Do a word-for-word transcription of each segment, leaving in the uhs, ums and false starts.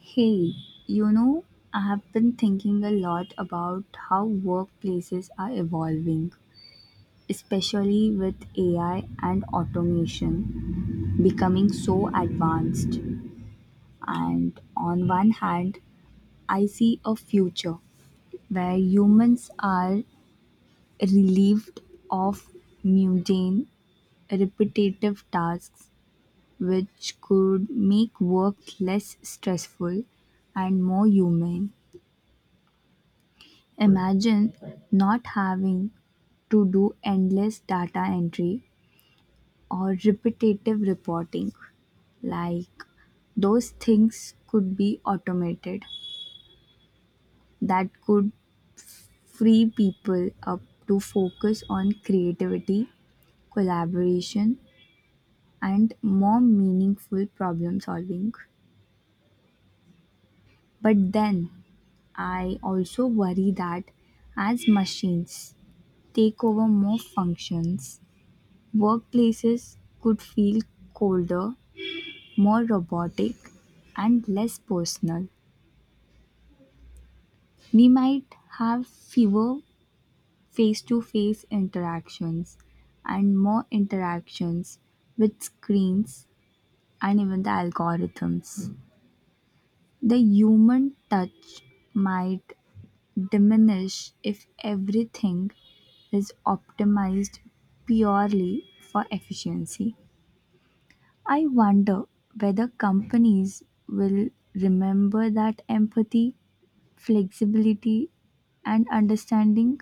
Hey, you know, I have been thinking a lot about how workplaces are evolving, especially with A I and automation becoming so advanced. And on one hand, I see a future where humans are relieved of mundane, repetitive tasks, which could make work less stressful and more human. Imagine not having to do endless data entry or repetitive reporting. Like those things could be automated. That could free people up to focus on creativity, collaboration, and more meaningful problem solving. But then I also worry that as machines take over more functions, workplaces could feel colder, more robotic, and less personal. We might have fewer face to face interactions and more interactions with screens and even the algorithms. The human touch might diminish if everything is optimized purely for efficiency. I wonder whether companies will remember that empathy, flexibility, and understanding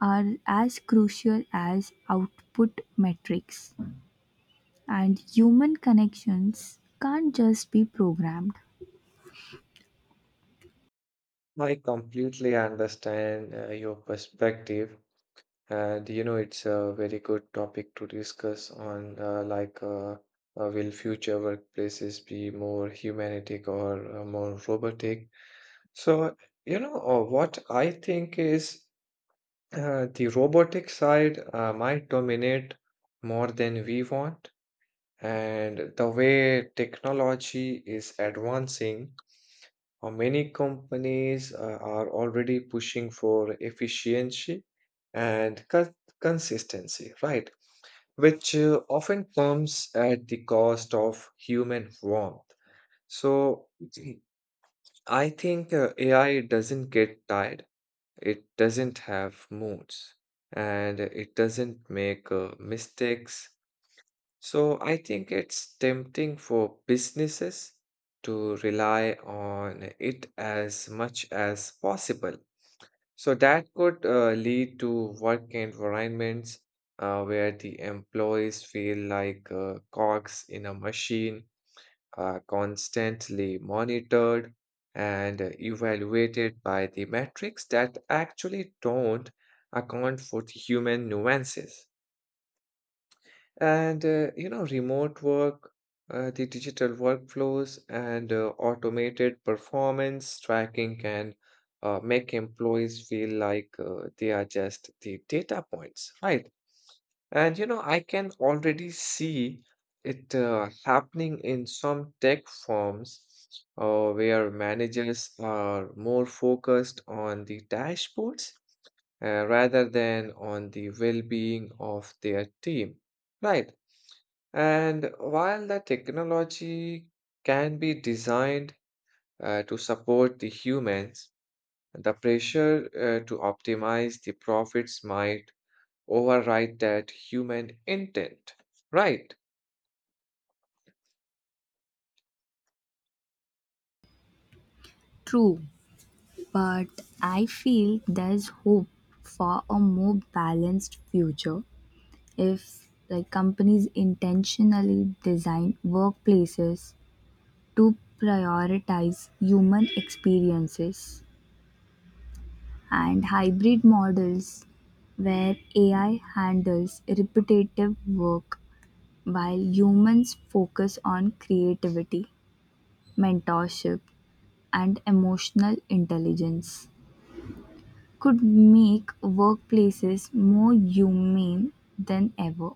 are as crucial as output metrics, and human connections can't just be programmed. I completely understand uh, your perspective, and you know it's a very good topic to discuss on uh, like uh, uh, will future workplaces be more humanistic or uh, more robotic? So you know uh, what I think is uh, the robotic side uh, might dominate more than we want, and the way technology is advancing, uh, many companies uh, are already pushing for efficiency and cons- consistency, right? Which uh, often comes at the cost of human warmth. So I think uh, A I doesn't get tired, it doesn't have moods, and it doesn't make uh, mistakes, so I think it's tempting for businesses to rely on it as much as possible. So that could uh, lead to work environments uh, where the employees feel like uh, cogs in a machine, uh, constantly monitored and evaluated by the metrics that actually don't account for the human nuances. And uh, you know, remote work, uh, the digital workflows, and uh, automated performance tracking can uh, make employees feel like uh, they are just the data points, right? And you know, I can already see it uh, happening in some tech firms uh, where managers are more focused on the dashboards uh, rather than on the well-being of their team, right? And while the technology can be designed uh, to support the humans, the pressure uh, to optimize the profits might override that human intent. Right. True, but I feel there's hope for a more balanced future if like companies intentionally design workplaces to prioritize human experiences, and hybrid models where A I handles repetitive work while humans focus on creativity, mentorship, and emotional intelligence could make workplaces more humane than ever.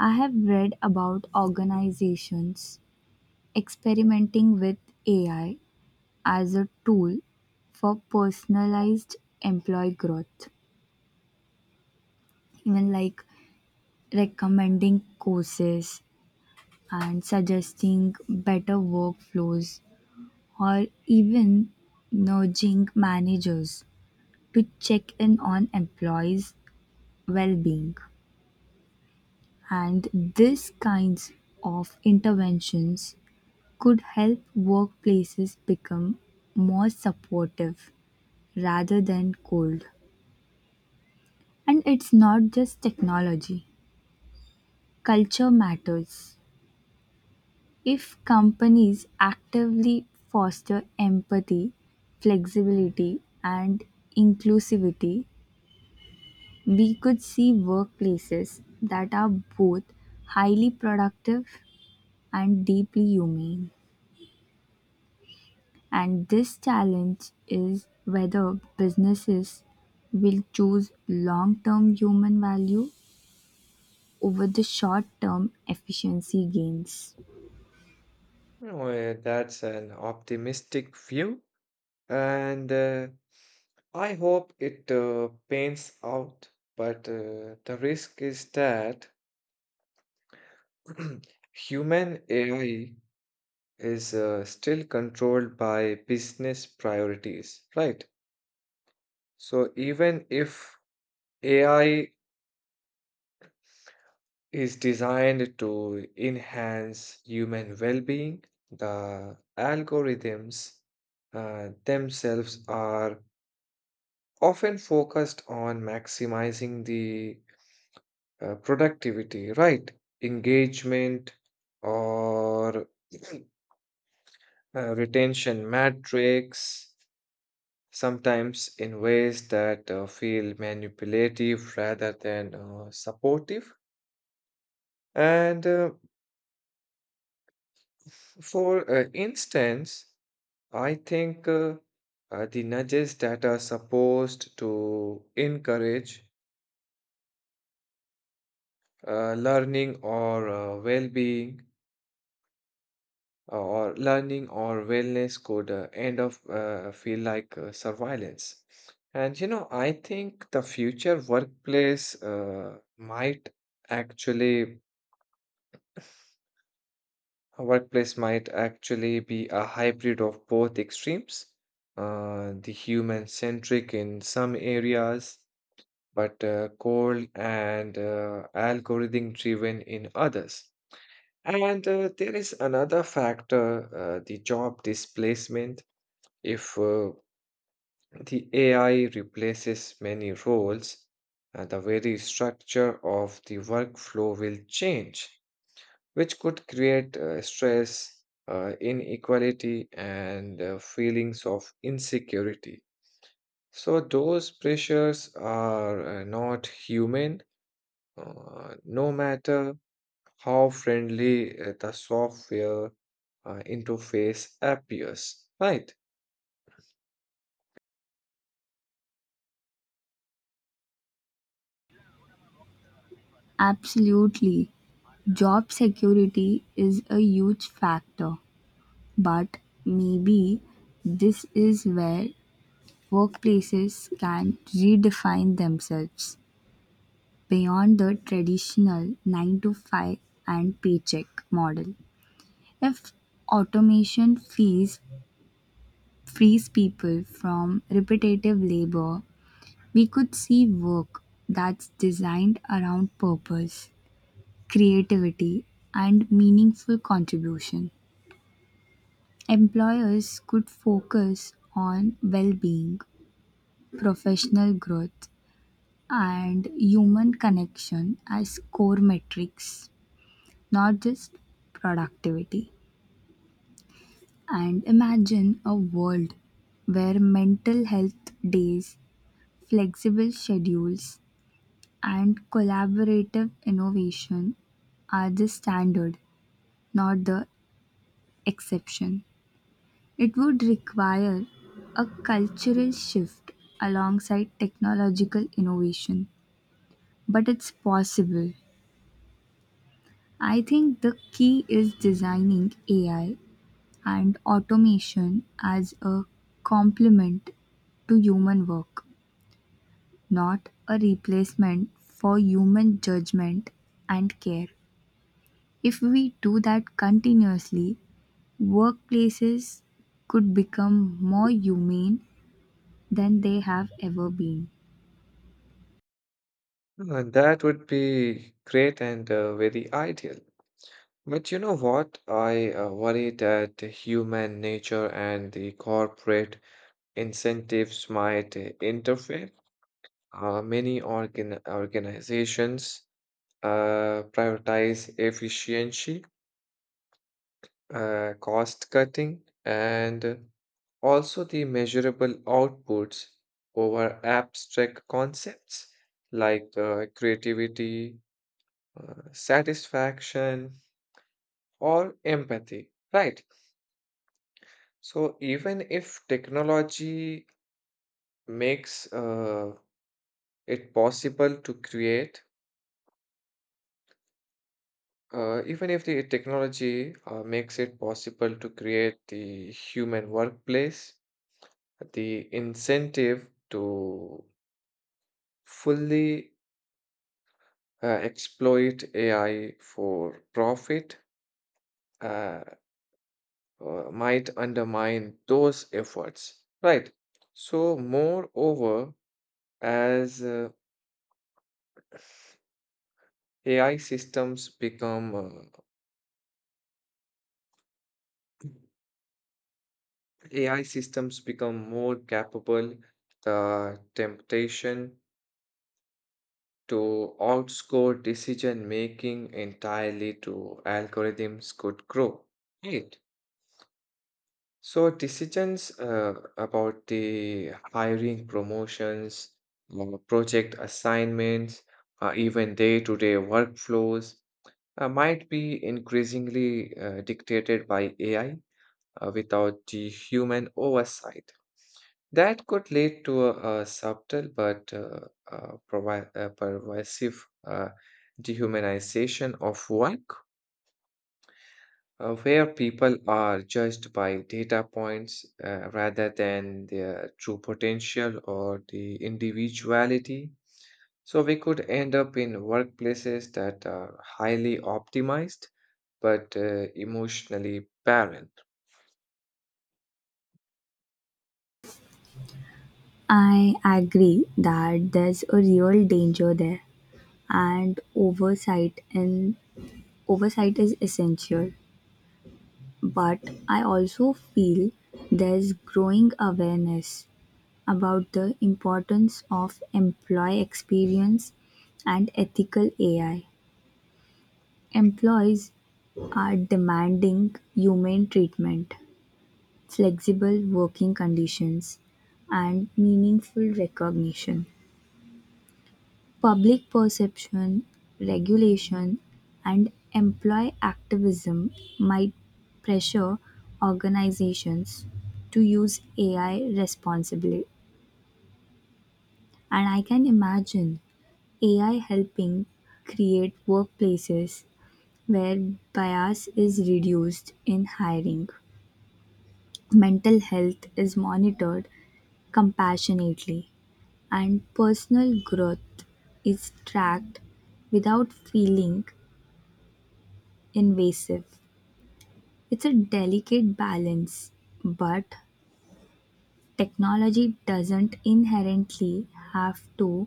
I have read about organizations experimenting with A I as a tool for personalized employee growth. Even like recommending courses and suggesting better workflows, or even nudging managers to check in on employees' well being. And these kinds of interventions could help workplaces become more supportive rather than cold. And it's not just technology. Culture matters. If companies actively foster empathy, flexibility, and inclusivity, we could see workplaces that are both highly productive and deeply humane. And this challenge is whether businesses will choose long term human value over the short term efficiency gains. Well, that's an optimistic view. And uh, I hope it uh, pans out. But uh, the risk is that human A I is uh, still controlled by business priorities, right? So even if A I is designed to enhance human well-being, the algorithms uh, themselves are often focused on maximizing the uh, productivity, right? Engagement or uh, retention metrics, sometimes in ways that uh, feel manipulative rather than uh, supportive. And uh, f- for uh, instance, I think uh, uh, the nudges that are supposed to encourage uh, learning or uh, well being or learning or wellness could uh, end up uh, feel like uh, surveillance. And you know, I think the future workplace uh, might actually a workplace might actually be a hybrid of both extremes, uh, the human centric in some areas, but uh, cold and uh, algorithm driven in others. And uh, there is another factor, uh, the job displacement. If uh, the A I replaces many roles, uh, the very structure of the workflow will change, which could create uh, stress, uh, inequality, and uh, feelings of insecurity. So, those pressures are uh, not human, uh, no matter how friendly uh, the software uh, interface appears, right? Absolutely. Job security is a huge factor, but maybe this is where workplaces can redefine themselves beyond the traditional nine to five and paycheck model. If automation fees frees people from repetitive labor, we could see work that's designed around purpose, creativity, and meaningful contribution. Employers could focus on well being, professional growth, and human connection as core metrics, not just productivity. And imagine a world where mental health days, flexible schedules, and collaborative innovation are the standard, not the exception. It would require a cultural shift alongside technological innovation, but it's possible. I think the key is designing A I and automation as a complement to human work, not a replacement for human judgment and care. If we do that continuously, workplaces could become more humane than they have ever been. Uh, that would be great and uh, very ideal. But you know what? I uh, worry that the human nature and the corporate incentives might uh, interfere. Uh, many organ- organizations uh, prioritize efficiency, uh, cost cutting, and also the measurable outputs over abstract concepts like uh, creativity, uh, satisfaction, or empathy. Right. So, even if technology makes uh, it possible to create Uh, even if the technology uh, makes it possible to create the human workplace, the incentive to fully uh, exploit A I for profit uh, uh, might undermine those efforts, right? So, moreover, as uh, A I systems become uh, A I systems become more capable, the temptation to outscore decision making entirely to algorithms could grow. Right. So decisions uh, about the hiring, promotions, uh, project assignments, uh, even day-to-day workflows uh, might be increasingly uh, dictated by A I uh, without the human oversight. That could lead to a, a subtle but uh, uh, provi- uh, pervasive uh, dehumanization of work, uh, where people are judged by data points uh, rather than their true potential or the individuality. So we could end up in workplaces that are highly optimized but uh, emotionally barren. I agree that there's a real danger there, and oversight and oversight is essential, but I also feel there's growing awareness about the importance of employee experience and ethical A I. Employees are demanding humane treatment, flexible working conditions, and meaningful recognition. Public perception, regulation, and employee activism might pressure organizations to use A I responsibly. And I can imagine A I helping create workplaces where bias is reduced in hiring, mental health is monitored compassionately, and personal growth is tracked without feeling invasive. It's a delicate balance, but technology doesn't inherently have to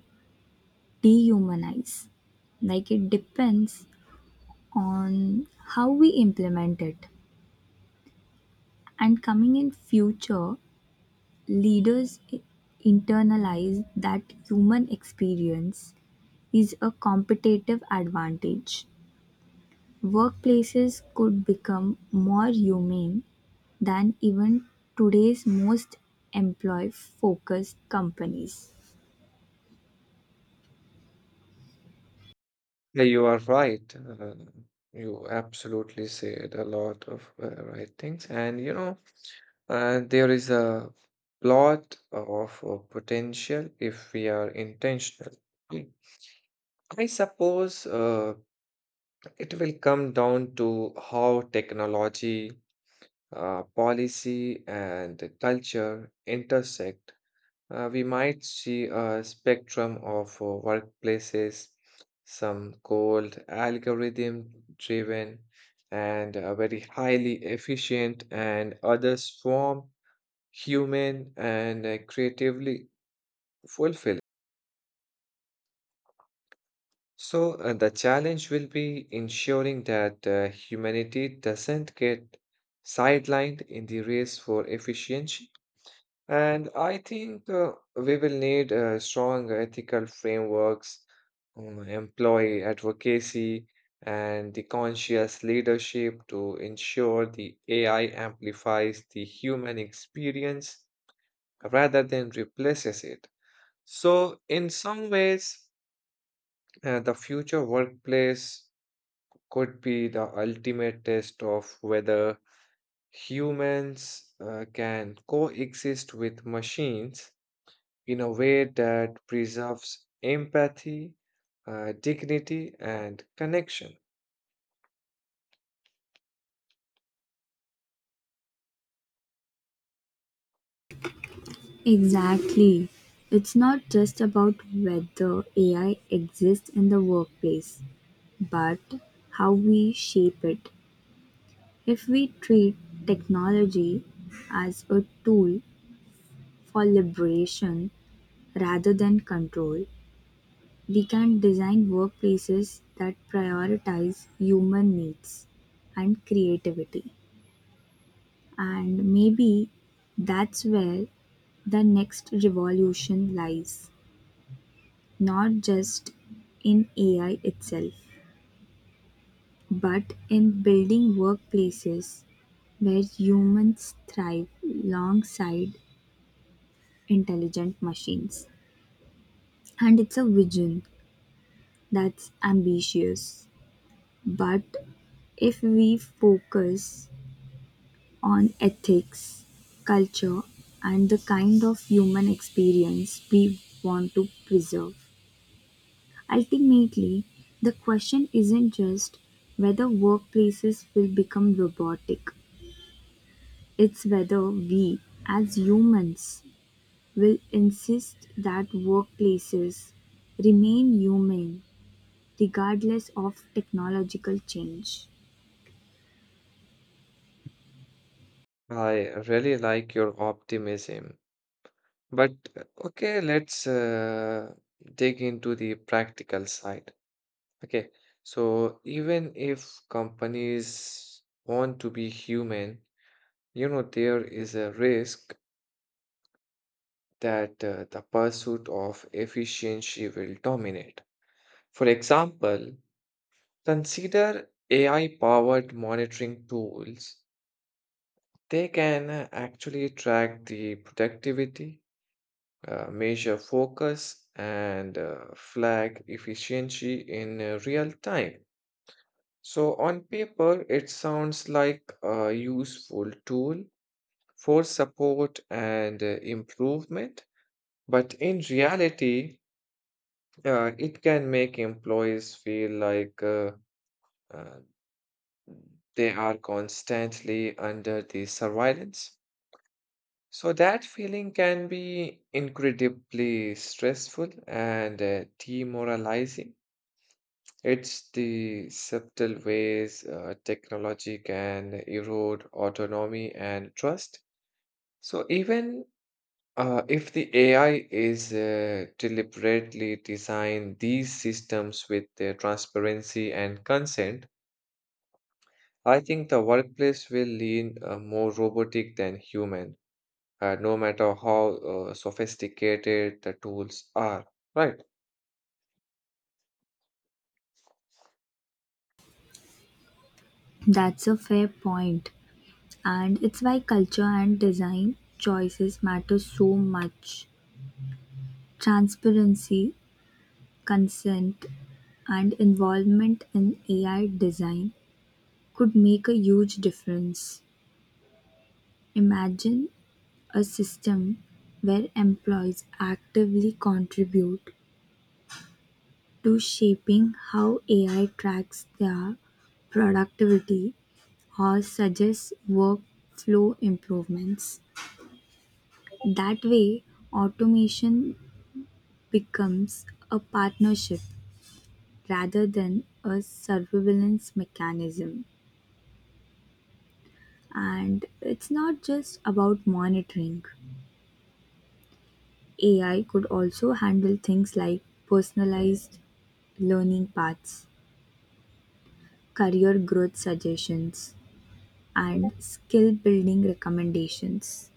dehumanize. Like it depends on how we implement it. And coming in future, leaders i- internalize that human experience is a competitive advantage. Workplaces could become more humane than even today's most employee-focused companies. Yeah, you are right. Uh, you absolutely said a lot of uh, right things. And you know, uh, there is a lot of uh, potential if we are intentional. Mm. I suppose uh, it will come down to how technology, uh, policy, and culture intersect. Uh, we might see a spectrum of uh, workplaces, some cold, algorithm driven, and uh, very highly efficient, and others form human and uh, creatively fulfilling. So, uh, the challenge will be ensuring that uh, humanity doesn't get sidelined in the race for efficiency. And I think uh, we will need uh, strong ethical frameworks, um, employee advocacy, and the conscious leadership to ensure the A I amplifies the human experience rather than replaces it. So, in some ways, uh, the future workplace could be the ultimate test of whether humans uh, can coexist with machines in a way that preserves empathy, uh, dignity, and connection. Exactly. It's not just about whether A I exists in the workplace, but how we shape it. If we treat technology as a tool for liberation rather than control, we can design workplaces that prioritize human needs and creativity. And maybe that's where the next revolution lies, not just in A I itself, but in building workplaces where humans thrive alongside intelligent machines. And it's a vision that's ambitious. But if we focus on ethics, culture, and the kind of human experience we want to preserve. Ultimately, the question isn't just whether workplaces will become robotic, it's whether we, as humans, will insist that workplaces remain human regardless of technological change. I really like your optimism. But uh, okay, let's uh, dig into the practical side. Okay, so even if companies want to be human, you know, there is a risk that uh, the pursuit of efficiency will dominate. For example, consider A I powered monitoring tools. They can uh, actually track the productivity, uh, measure focus, and uh, flag efficiency in uh, real time. So, on paper, it sounds like a useful tool for support and uh, improvement, but in reality, uh, it can make employees feel like uh, uh, they are constantly under the surveillance. So that feeling can be incredibly stressful and uh, demoralizing. It's the subtle ways uh, technology can erode autonomy and trust. So even uh, if the A I is uh, deliberately designed these systems with uh, transparency and consent, I think the workplace will lean uh, more robotic than human, uh, no matter how uh, sophisticated the tools are. Right. That's a fair point, and it's why culture and design choices matter so much. Transparency, consent, and involvement in A I design could make a huge difference. Imagine a system where employees actively contribute to shaping how A I tracks their productivity or suggests workflow improvements. That way, automation becomes a partnership rather than a surveillance mechanism. And it's not just about monitoring. A I could also handle things like personalized learning paths, career growth suggestions, and skill building recommendations.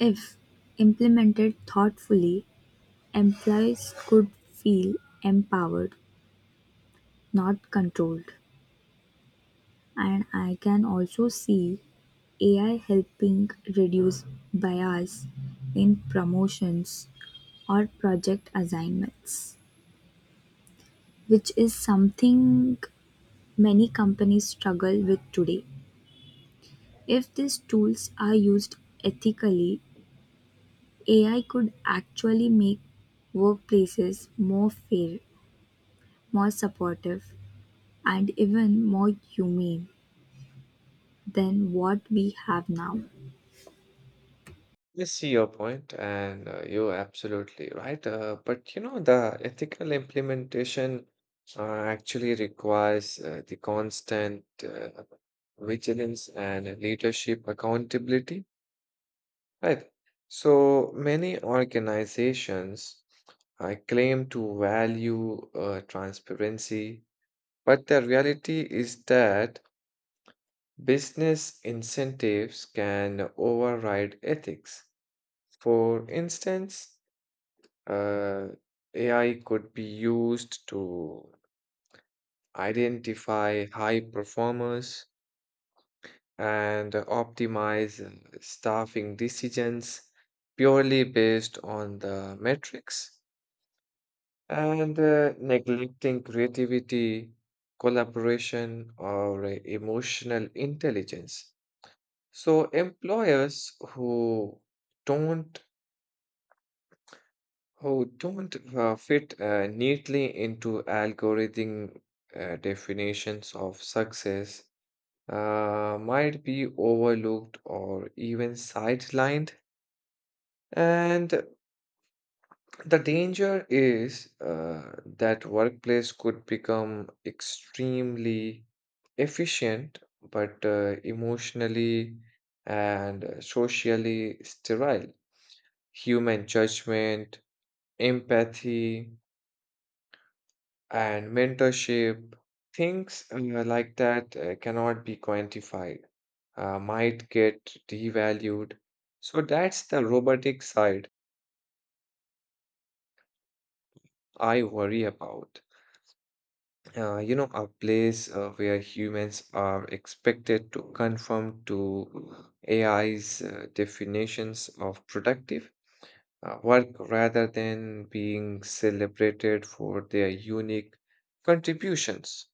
If implemented thoughtfully, employees could feel empowered, not controlled. And I can also see A I helping reduce bias in promotions or project assignments, which is something many companies struggle with today. If these tools are used ethically, A I could actually make workplaces more fair, more supportive, and even more humane than what we have now. I see your point, and uh, you're absolutely right. Uh, but you know, the ethical implementation uh, actually requires uh, the constant uh, vigilance and leadership accountability. Right. So many organizations uh, claim to value uh, transparency, but the reality is that business incentives can override ethics. For instance, uh, A I could be used to identify high performers and optimize uh, staffing decisions purely based on the metrics. And uh, neglecting creativity, collaboration, or uh, emotional intelligence. So employers who don't who don't uh, fit uh, neatly into algorithm uh, definitions of success uh, might be overlooked or even sidelined. And the danger is uh, that workplace could become extremely efficient, but uh, emotionally and uh, socially sterile. Human judgment, empathy, and mentorship, things uh, like that uh, cannot be quantified, uh, might get devalued. So that's the robotic side I worry about. Uh, you know, a place uh, where humans are expected to conform to A I's uh, definitions of productive uh, work rather than being celebrated for their unique contributions.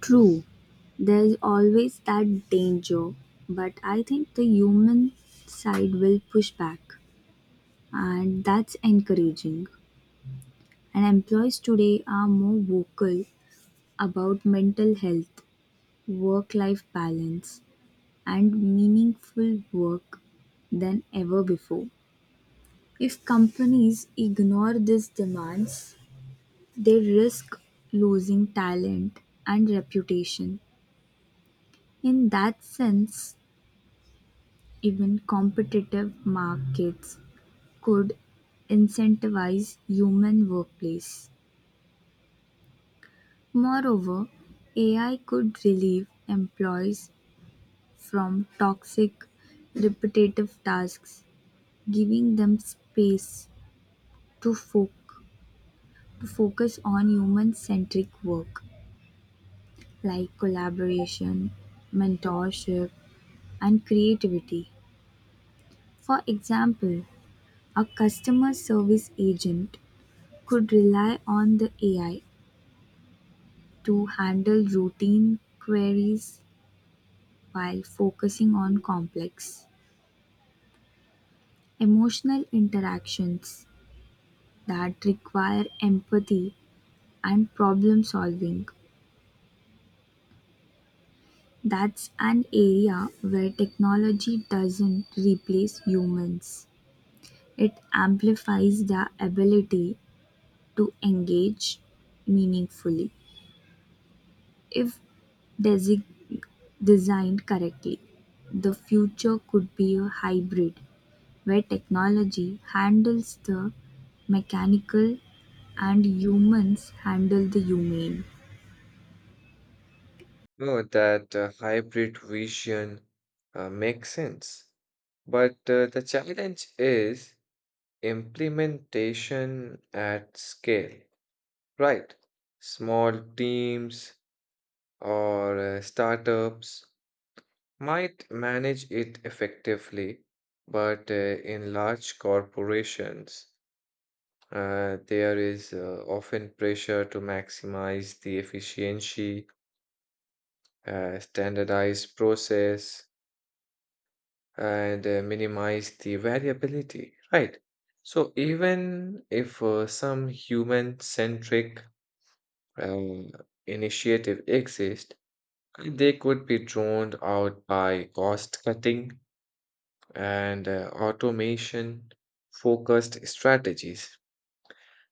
True, there's always that danger, but I think the human side will push back, and that's encouraging. And employees today are more vocal about mental health, work life balance, and meaningful work than ever before. If companies ignore these demands, they risk losing talent and reputation. In that sense, even competitive markets could incentivize human workplace. Moreover, A I could relieve employees from toxic, repetitive tasks, giving them space to, fo- to focus on human centric work like collaboration, mentorship, and creativity. For example, a customer service agent could rely on the A I to handle routine queries while focusing on complex emotional interactions that require empathy and problem solving. That's an area where technology doesn't replace humans, it amplifies their ability to engage meaningfully. If desig- designed correctly, the future could be a hybrid where technology handles the mechanical Mm. and humans handle the humane. No, that uh, hybrid vision uh, makes sense. But uh, the challenge is implementation at scale, right? Small teams or uh, startups might manage it effectively, but uh, in large corporations, uh, there is uh, often pressure to maximize the efficiency, uh, standardize process, and uh, minimize the variability, right? So even if uh, some human-centric uh, initiative exist, they could be drowned out by cost cutting and uh, automation focused strategies.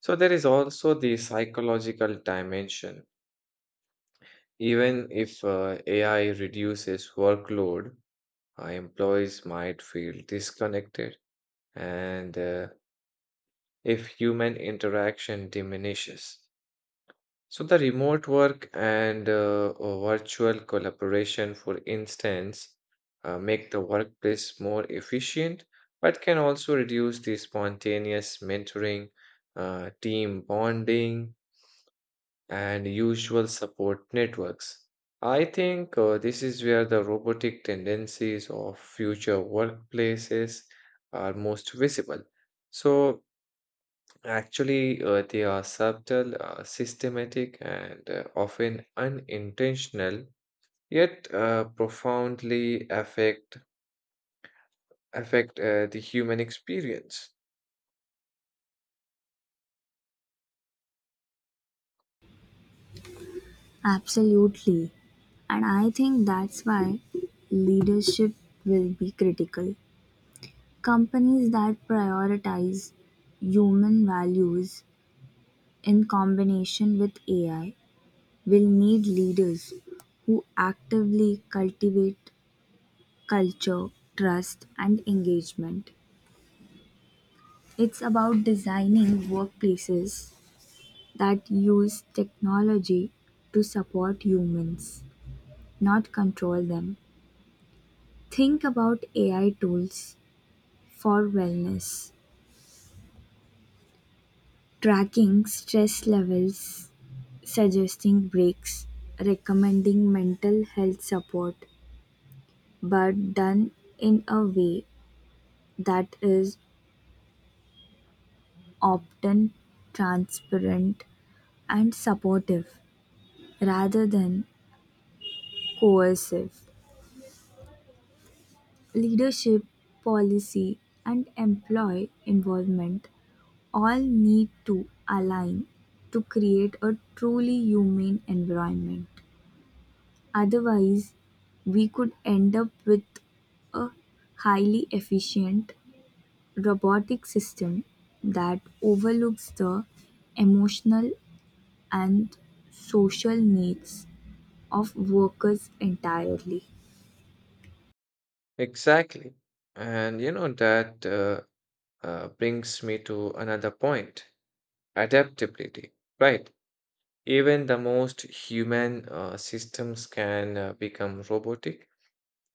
So there is also the psychological dimension. Even if uh, A I reduces workload, uh, employees might feel disconnected and uh, if human interaction diminishes. So the remote work and uh, uh, virtual collaboration, for instance, uh, make the workplace more efficient, but can also reduce the spontaneous mentoring, uh, team bonding, and usual support networks. I think uh, this is where the robotic tendencies of future workplaces are most visible. So actually, uh, they are subtle, uh, systematic, and uh, often unintentional, yet uh, profoundly affect affect uh, the human experience. Absolutely. And I think that's why leadership will be critical. Companies that prioritize human values in combination with A I will need leaders who actively cultivate culture, trust, and engagement. It's about designing workplaces that use technology to support humans, not control them. Think about A I tools for wellness, tracking stress levels, suggesting breaks, recommending mental health support, but done in a way that is often transparent and supportive rather than coercive. Leadership, policy, and employee involvement all need to align to create a truly humane environment. Otherwise, we could end up with a highly efficient robotic system that overlooks the emotional and social needs of workers entirely. Exactly. And you know that uh, uh, brings me to another point, adaptability, right? Even the most human uh, systems can uh, become robotic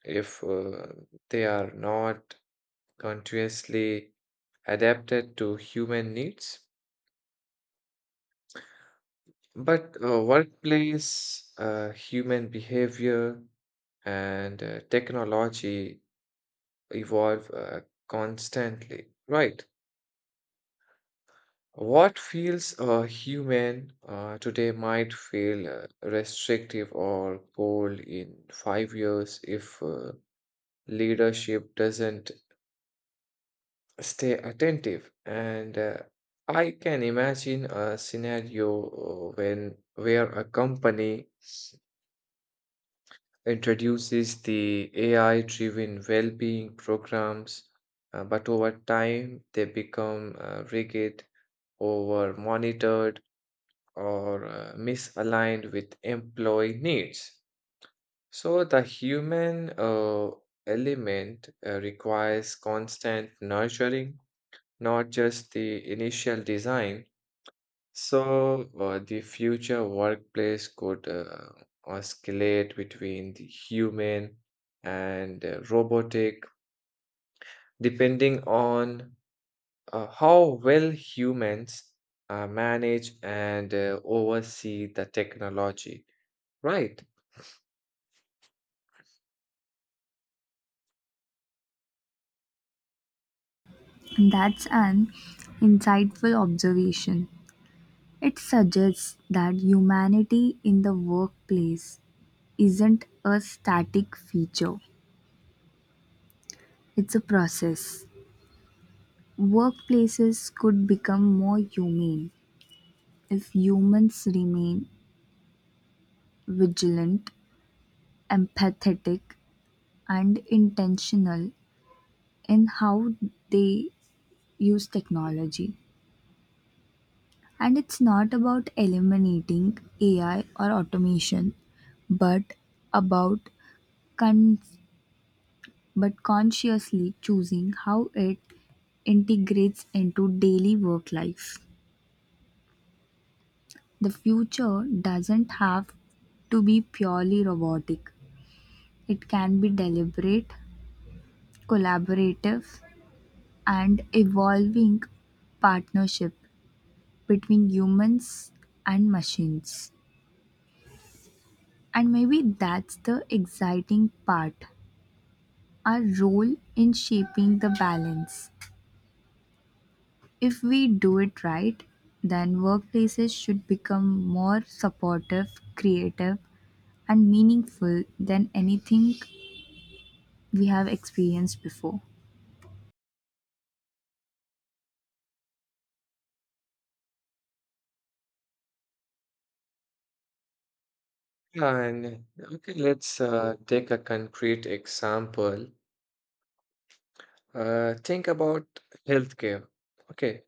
if uh, they are not continuously adapted to human needs. But uh, workplace, uh, human behavior, and uh, technology evolve uh, constantly, right? What feels uh, human uh, today might feel uh, restrictive or cold in five years if uh, leadership doesn't stay attentive. And uh, I can imagine a scenario when where a company introduces the AI driven well being programs, uh, but over time they become uh, rigid, over monitored, or uh, misaligned with employee needs. So the human uh, element uh, requires constant nurturing, not just the initial design. So, uh, the future workplace could uh, oscillate between the human and uh, robotic, depending on uh, how well humans uh, manage and uh, oversee the technology, right? That's an insightful observation. It suggests that humanity in the workplace isn't a static feature, it's a process. Workplaces could become more humane if humans remain vigilant, empathetic, and intentional in how they use technology. And it's not about eliminating A I or automation, but about con- but consciously choosing how it integrates into daily work life. The future doesn't have to be purely robotic, it can be deliberate, collaborative, and evolving partnership between humans and machines. And maybe that's the exciting part, our role in shaping the balance. If we do it right, then workplaces should become more supportive, creative, and meaningful than anything we have experienced before. And okay, let's uh, take a concrete example. Uh, think about healthcare. Okay,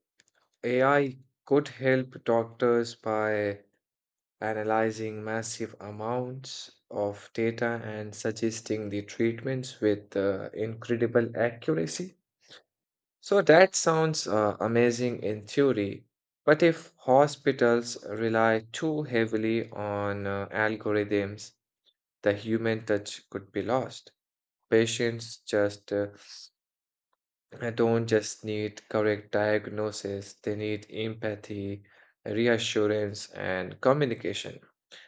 A I could help doctors by analyzing massive amounts of data and suggesting the treatments with uh, incredible accuracy. So that sounds uh, amazing in theory, but if hospitals rely too heavily on uh, algorithms, the human touch could be lost. Patients just uh, I don't just need correct diagnosis, they need empathy, reassurance, and communication.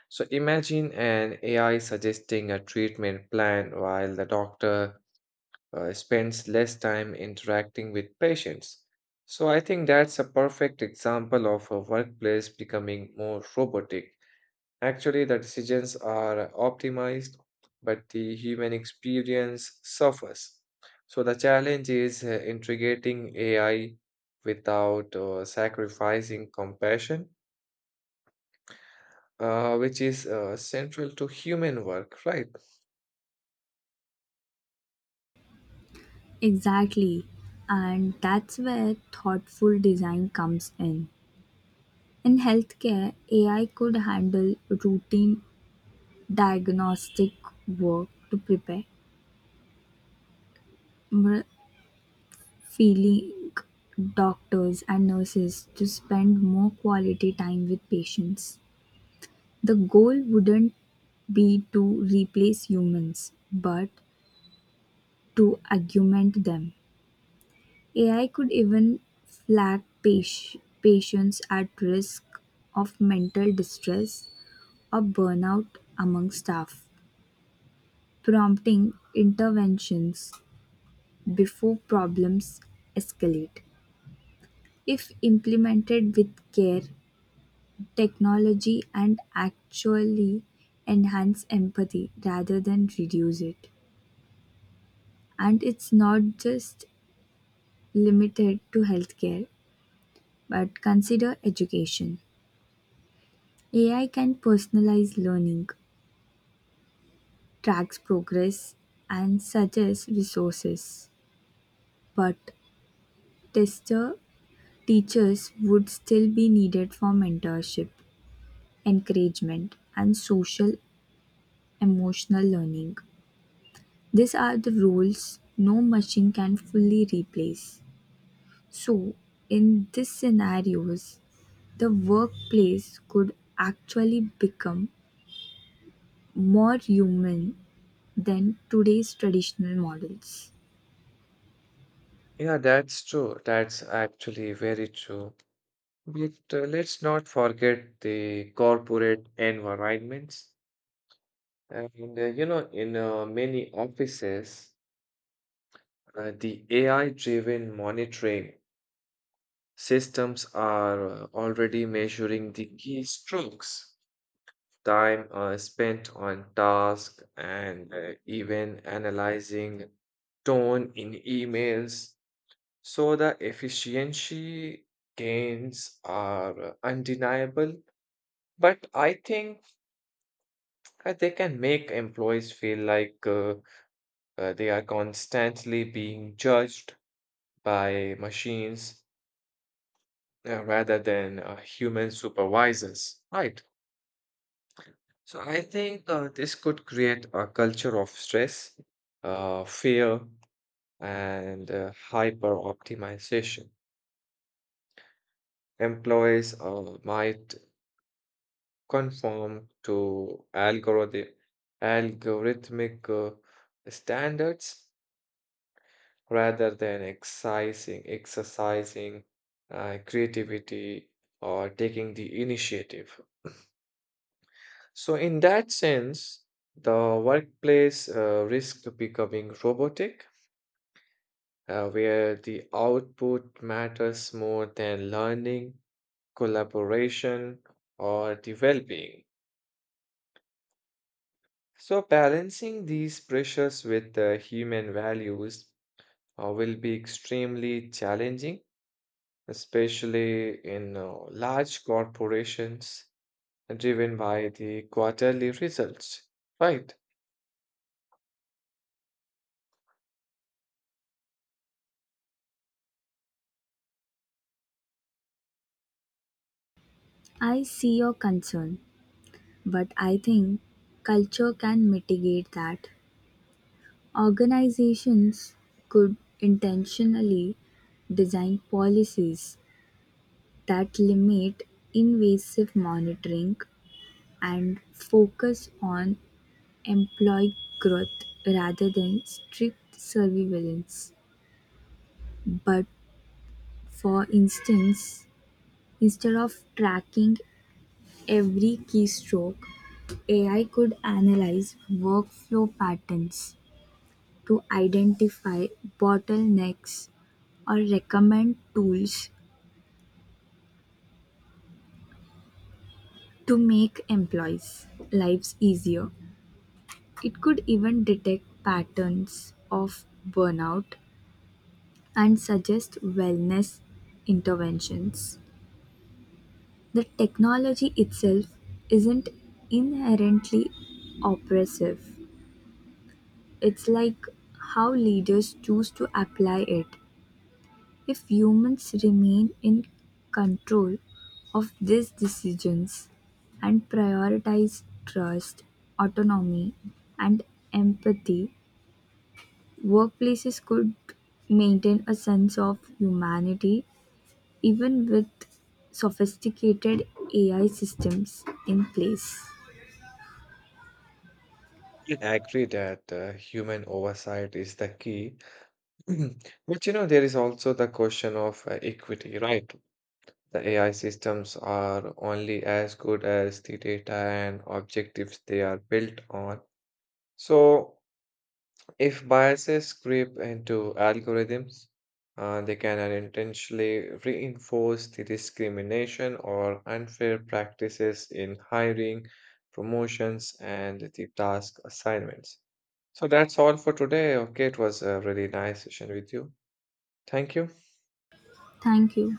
So imagine an A I suggesting a treatment plan while the doctor uh, spends less time interacting with patients. So I think that's a perfect example of a workplace becoming more robotic. Actually, the decisions are optimized, but the human experience suffers. So the challenge is uh, integrating A I without uh, sacrificing compassion, uh, which is uh, central to human work, right? Exactly. And that's where thoughtful design comes in. In healthcare, A I could handle routine diagnostic work to prepare more feeling doctors and nurses to spend more quality time with patients. The goal wouldn't be to replace humans, but to augment them. A I could even flag pas- patients at risk of mental distress or burnout among staff, prompting interventions before problems escalate. If implemented with care, technology and actually enhance empathy rather than reduce it. And it's not just limited to healthcare, but consider education. A I can personalize learning, tracks progress, and suggest resources. But tester teachers would still be needed for mentorship, encouragement, and social emotional learning. These are the roles no machine can fully replace. So, in these scenarios, the workplace could actually become more human than today's traditional models. Yeah, that's true. That's actually very true. But uh, let's not forget the corporate environments. And uh, you know, in uh, many offices, uh, the A I-driven monitoring systems are uh, already measuring the key strokes, time uh, spent on task, and uh, even analyzing tone in emails. So the efficiency gains are uh, undeniable, but I think uh, they can make employees feel like uh, uh, they are constantly being judged by machines uh, rather than uh, human supervisors, right? So I think uh, this could create a culture of stress, uh, fear, and uh, hyper optimization. Employees uh, might conform to algorithm, algorithmic uh, standards rather than exercising, exercising uh, creativity or taking the initiative. So in that sense, the workplace uh, risk becoming robotic uh, where the output matters more than learning, collaboration, or the well being. So, balancing these pressures with the human values uh, will be extremely challenging, especially in uh, large corporations driven by the quarterly results. Right. I see your concern, but I think culture can mitigate that. Organizations could intentionally design policies that limit invasive monitoring and focus on employee growth rather than strict surveillance. But for instance, instead of tracking every keystroke, A I could analyze workflow patterns to identify bottlenecks or recommend tools to make employees' lives easier. It could even detect patterns of burnout and suggest wellness interventions. The technology itself isn't inherently oppressive. It's like how leaders choose to apply it. If humans remain in control of these decisions and prioritize trust, autonomy, and empathy, workplaces could maintain a sense of humanity even with sophisticated A I systems in place. Yeah. I agree that uh, human oversight is the key. But you know, there is also the question of uh, equity, right? The A I systems are only as good as the data and objectives they are built on. So, if biases creep into algorithms, uh, they can unintentionally reinforce the discrimination or unfair practices in hiring, promotions, and the task assignments. So, that's all for today. Okay, it was a really nice session with you. Thank you. Thank you.